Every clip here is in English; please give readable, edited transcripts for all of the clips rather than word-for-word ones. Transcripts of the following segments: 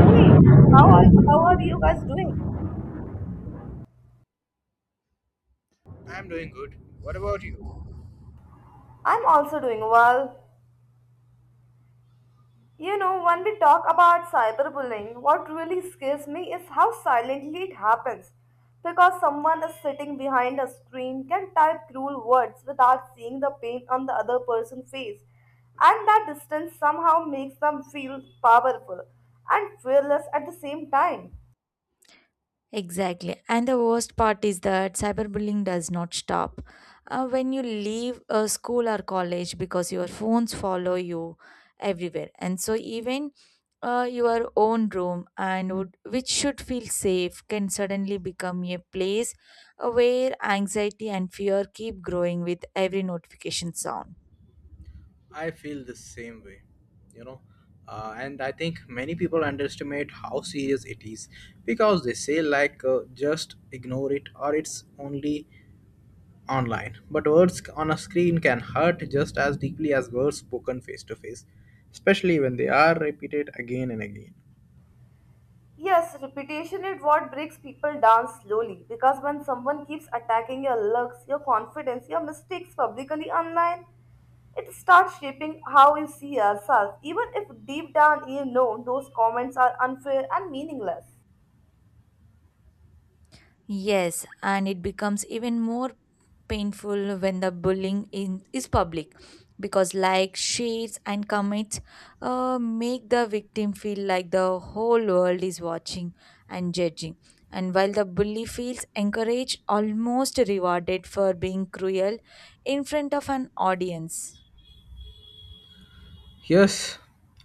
Hey, how are you guys doing? I'm doing good. What about you? I'm also doing well. You know, when we talk about cyberbullying, what really scares me is how silently it happens. Because someone is sitting behind a screen can type cruel words without seeing the pain on the other person's face. And that distance somehow makes them feel powerful and fearless at the same time. Exactly. And the worst part is that cyberbullying does not stop. When you leave a school or college because your phones follow you everywhere. And so even your own room and would, which should feel safe can suddenly become a place where anxiety and fear keep growing with every notification sound. I feel the same way, you know. And I think many people underestimate how serious it is because they say, just ignore it or it's only online. But words on a screen can hurt just as deeply as words spoken face to face, especially when they are repeated again and again. Yes, repetition is what breaks people down slowly because when someone keeps attacking your looks, your confidence, your mistakes publicly online, it starts shaping how you see yourself, even if deep down you know those comments are unfair and meaningless. Yes, and it becomes even more painful when the bullying is public because likes, shares, and comments make the victim feel like the whole world is watching and judging. And while the bully feels encouraged, almost rewarded for being cruel in front of an audience. Yes,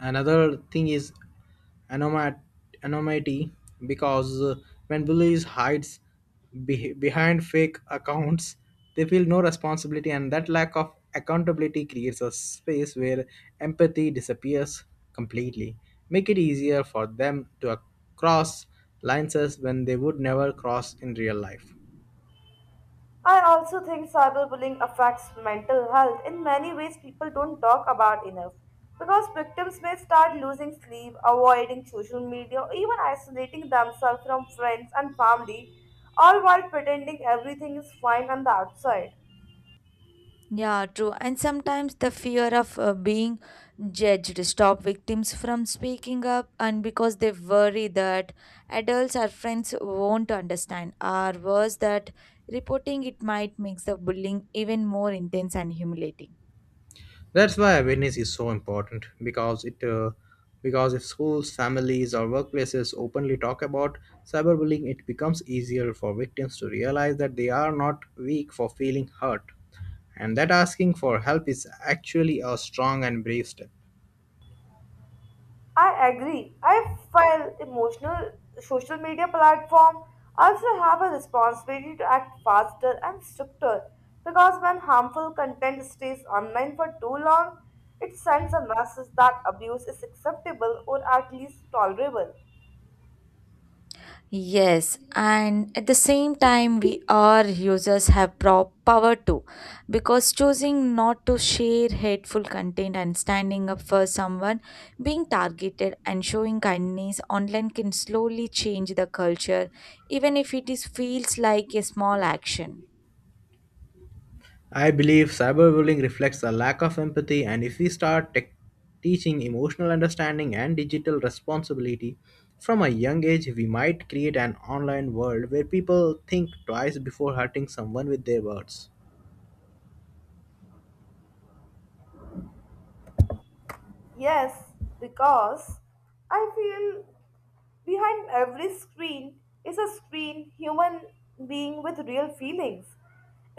another thing is anoma- anonymity because when bullies hides behind fake accounts, they feel no responsibility, and that lack of accountability creates a space where empathy disappears completely, make it easier for them to cross lines when they would never cross in real life. I also think cyberbullying affects mental health in many ways people don't talk about enough because victims may start losing sleep, avoiding social media, or even isolating themselves from friends and family, all while pretending everything is fine on the outside. Yeah, true. And sometimes the fear of being judged stop victims from speaking up, and because they worry that adults or friends won't understand, or worse, that reporting it might make the bullying even more intense and humiliating. That's why awareness is so important because if schools, families, or workplaces openly talk about cyberbullying, it becomes easier for victims to realize that they are not weak for feeling hurt, and that asking for help is actually a strong and brave step. I agree. I feel emotional social media platform also have a responsibility to act faster and stricter because when harmful content stays online for too long, it sends a message that abuse is acceptable or at least tolerable. Yes, and at the same time, we are users have power too, because choosing not to share hateful content and standing up for someone being targeted and showing kindness online can slowly change the culture, even if it is feels like a small action. I believe cyberbullying reflects a lack of empathy, and if we start tech teaching emotional understanding and digital responsibility from a young age, we might create an online world where people think twice before hurting someone with their words. Yes, because I feel behind every screen is a screen human being with real feelings.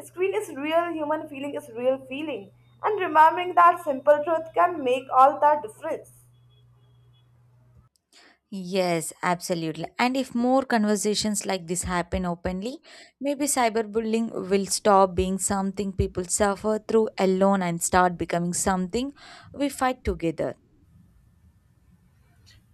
Screen is real, human feeling is real feeling. And remembering that simple truth can make all that difference. Yes, absolutely. And if more conversations like this happen openly, maybe cyberbullying will stop being something people suffer through alone and start becoming something we fight together.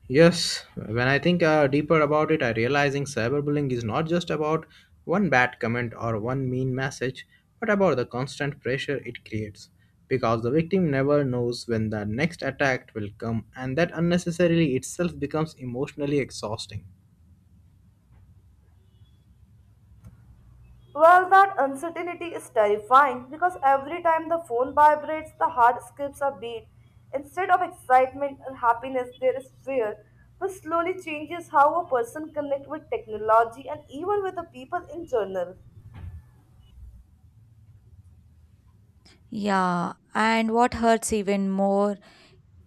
Yes, when I think deeper about it, I realizing cyberbullying is not just about one bad comment or one mean message, but about the constant pressure it creates. Because the victim never knows when the next attack will come, and that unnecessarily itself becomes emotionally exhausting. Well, that uncertainty is terrifying because every time the phone vibrates, the heart skips a beat. Instead of excitement and happiness, there is fear, which slowly changes how a person connects with technology and even with the people in general. Yeah, and what hurts even more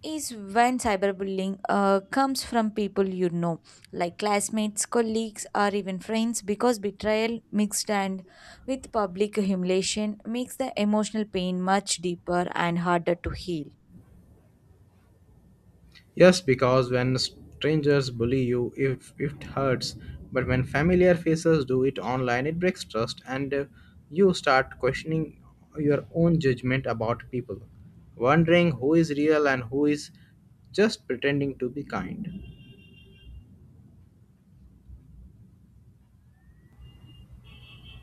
is when cyberbullying comes from people you know, like classmates, colleagues, or even friends, because betrayal mixed and with public humiliation makes the emotional pain much deeper and harder to heal. Yes, because when strangers bully you, if it hurts, but when familiar faces do it online, it breaks trust, and you start questioning your own judgment about people, wondering who is real and who is just pretending to be kind.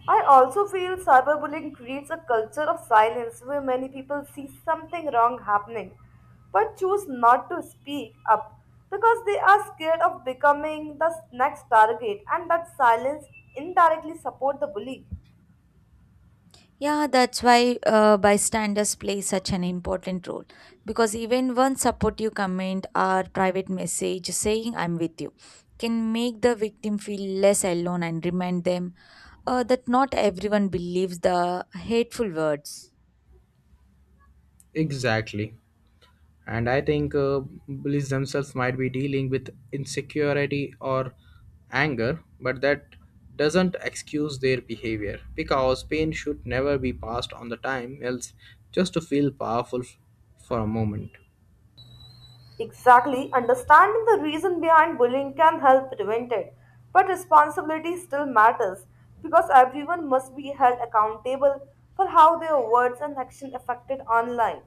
I also feel cyberbullying creates a culture of silence where many people see something wrong happening but choose not to speak up because they are scared of becoming the next target and that silence indirectly support the bully. Yeah, that's why bystanders play such an important role because even one supportive comment or private message saying I'm with you can make the victim feel less alone and remind them that not everyone believes the hateful words. Exactly. And I think bullies themselves might be dealing with insecurity or anger, but that doesn't excuse their behavior because pain should never be passed on the time else just to feel powerful for a moment. Exactly, understanding the reason behind bullying can help prevent it, but responsibility still matters because everyone must be held accountable for how their words and action affected online.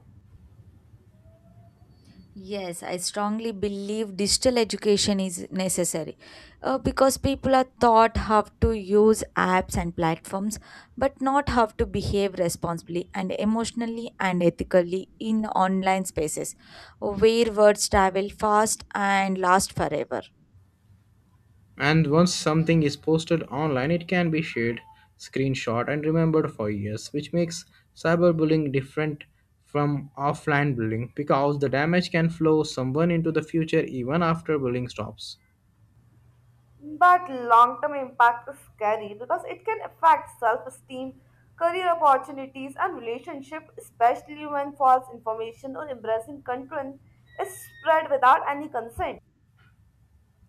Yes, I strongly believe digital education is necessary because people are taught how to use apps and platforms, but not how to behave responsibly and emotionally and ethically in online spaces where words travel fast and last forever. And once something is posted online, it can be shared, screenshot, and remembered for years, which makes cyberbullying different from offline bullying because the damage can flow someone into the future even after bullying stops. But long term impact is scary because it can affect self esteem, career opportunities, and relationship, especially when false information or embarrassing content is spread without any consent.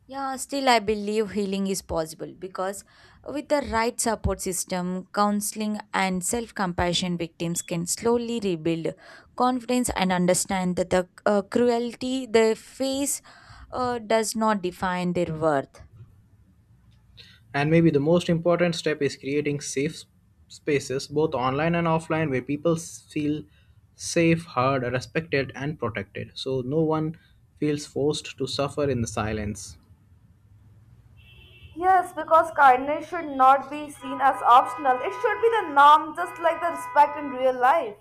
Yeah, still, I believe healing is possible because with the right support system, counseling, and self compassion, victims can slowly rebuild confidence and understand that the cruelty they face does not define their worth. And maybe the most important step is creating spaces, both online and offline, where people feel safe, heard, respected, and protected. So no one feels forced to suffer in the silence. Yes, because kindness should not be seen as optional, it should be the norm, just like the respect in real life.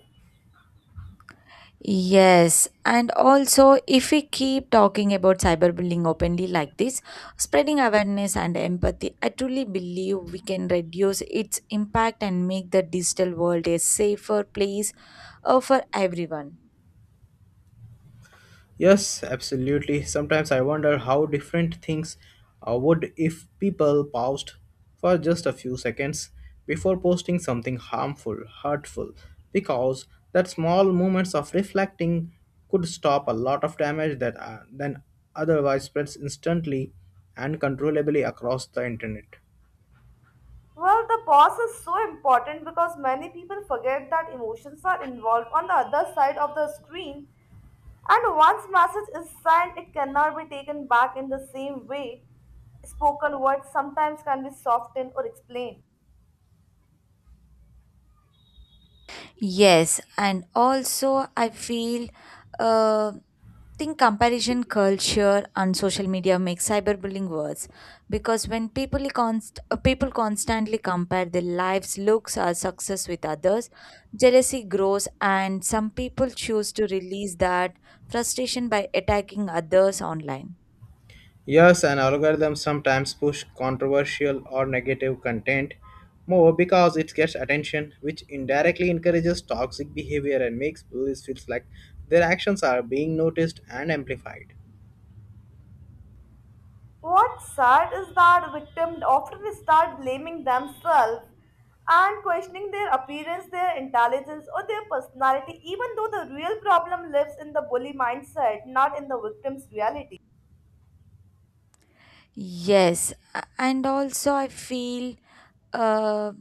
Yes, and also if we keep talking about cyberbullying openly like this, spreading awareness and empathy, I truly believe we can reduce its impact and make the digital world a safer place for everyone. Yes, absolutely. Sometimes I wonder how different things would if people paused for just a few seconds before posting something harmful, hurtful, because that small moments of reflecting could stop a lot of damage that then otherwise spreads instantly and controllably across the internet. Well, the pause is so important because many people forget that emotions are involved on the other side of the screen. And once message is sent, it cannot be taken back in the same way. Spoken words sometimes can be softened or explained. Yes, and also I feel uh, think comparison culture on social media makes cyberbullying worse because when people people constantly compare their lives, looks, or success with others, jealousy grows, and some people choose to release that frustration by attacking others online. Yes, an algorithm sometimes push controversial or negative content more because it gets attention, which indirectly encourages toxic behavior and makes bullies feel like their actions are being noticed and amplified. What's sad is that victims often start blaming themselves and questioning their appearance, their intelligence, or their personality, even though the real problem lives in the bully mindset, not in the victim's reality. Yes, and also I feel. Uh,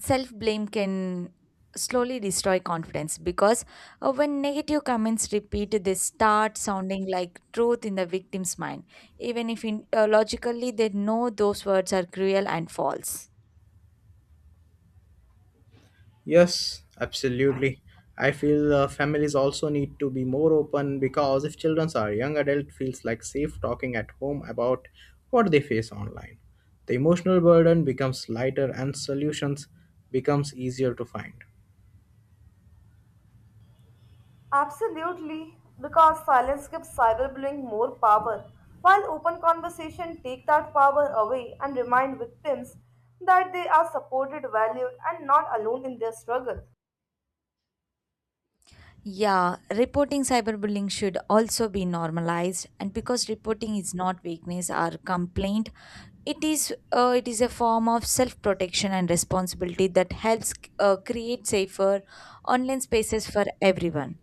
Self blame can slowly destroy confidence because when negative comments repeat they start sounding like truth in the victim's mind even if logically they know those words are cruel and false. Yes, absolutely. I feel families also need to be more open because if children are young adult feels like safe talking at home about what they face online. The emotional burden becomes lighter and solutions becomes easier to find. Absolutely, because silence gives cyberbullying more power, while open conversation take that power away and remind victims that they are supported, valued, and not alone in their struggle. Yeah, reporting cyberbullying should also be normalized and because reporting is not weakness or complaint, it is a form of self protection and responsibility that helps create safer online spaces for everyone.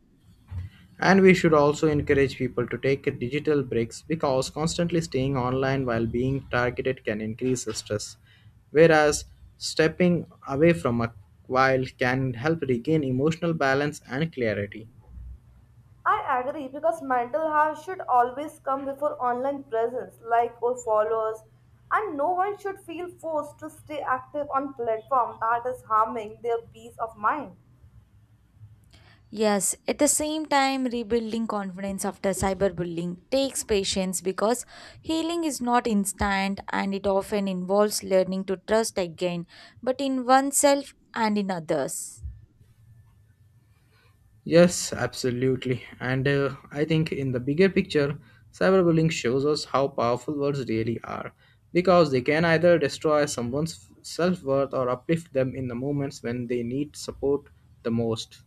And we should also encourage people to take digital breaks because constantly staying online while being targeted can increase stress, whereas stepping away from a while can help regain emotional balance and clarity. I agree because mental health should always come before online presence, like or followers, and no one should feel forced to stay active on platform that is harming their peace of mind. Yes, at the same time, rebuilding confidence after cyberbullying takes patience because healing is not instant and it often involves learning to trust again, but in oneself and in others. Yes, absolutely. And I think in the bigger picture, cyberbullying shows us how powerful words really are because they can either destroy someone's self worth or uplift them in the moments when they need support the most.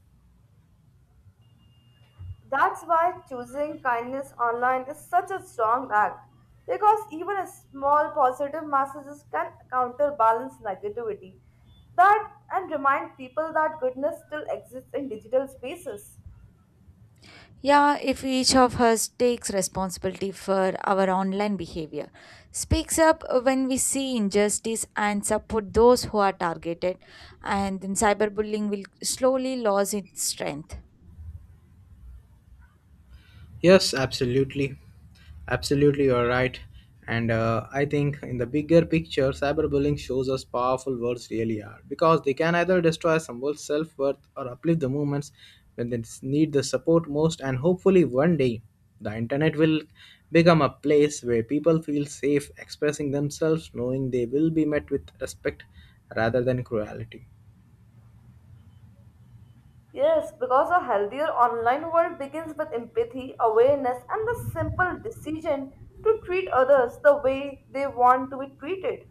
That's why choosing kindness online is such a strong act because even a small positive messages can counterbalance negativity that and remind people that goodness still exists in digital spaces. Yeah, if each of us takes responsibility for our online behavior, speaks up when we see injustice and support those who are targeted, and then cyberbullying will slowly lose its strength. Yes, absolutely. Absolutely, you're right. And I think in the bigger picture, cyberbullying shows us powerful words really are because they can either destroy someone's self worth or uplift the movements when they need the support most. And hopefully, one day, the internet will become a place where people feel safe expressing themselves, knowing they will be met with respect rather than cruelty. Yes, because a healthier online world begins with empathy, awareness and the simple decision to treat others the way they want to be treated.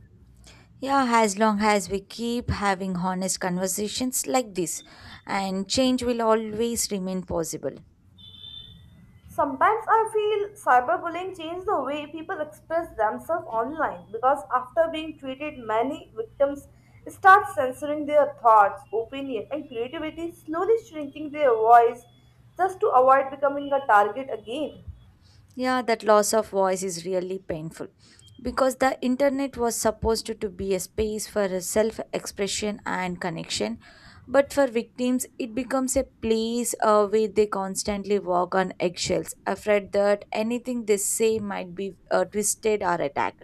Yeah, as long as we keep having honest conversations like this, and change will always remain possible. Sometimes I feel cyberbullying changed the way people express themselves online because after being treated, many victims start censoring their thoughts, opinion, and creativity, slowly shrinking their voice just to avoid becoming a target again. Yeah, that loss of voice is really painful because the internet was supposed to be a space for self expression and connection. But for victims, it becomes a place where they constantly walk on eggshells, afraid that anything they say might be twisted or attacked.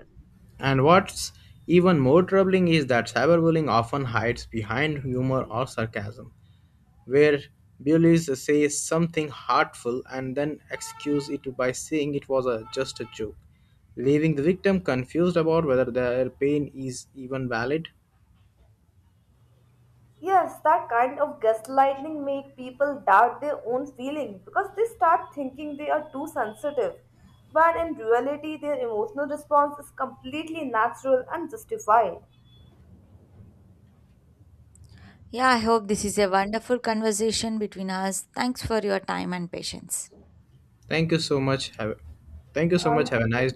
And what's even more troubling is that cyberbullying often hides behind humor or sarcasm where bullies says something hurtful and then excuse it by saying it was just a joke, leaving the victim confused about whether their pain is even valid. Yes, that kind of gaslighting make people doubt their own feelings because they start thinking they are too sensitive, when in reality their emotional response is completely natural and justified. Yeah, I hope this is a wonderful conversation between us. Thanks for your time and patience. Thank you so much. Thank you so much. Thank Have a nice you.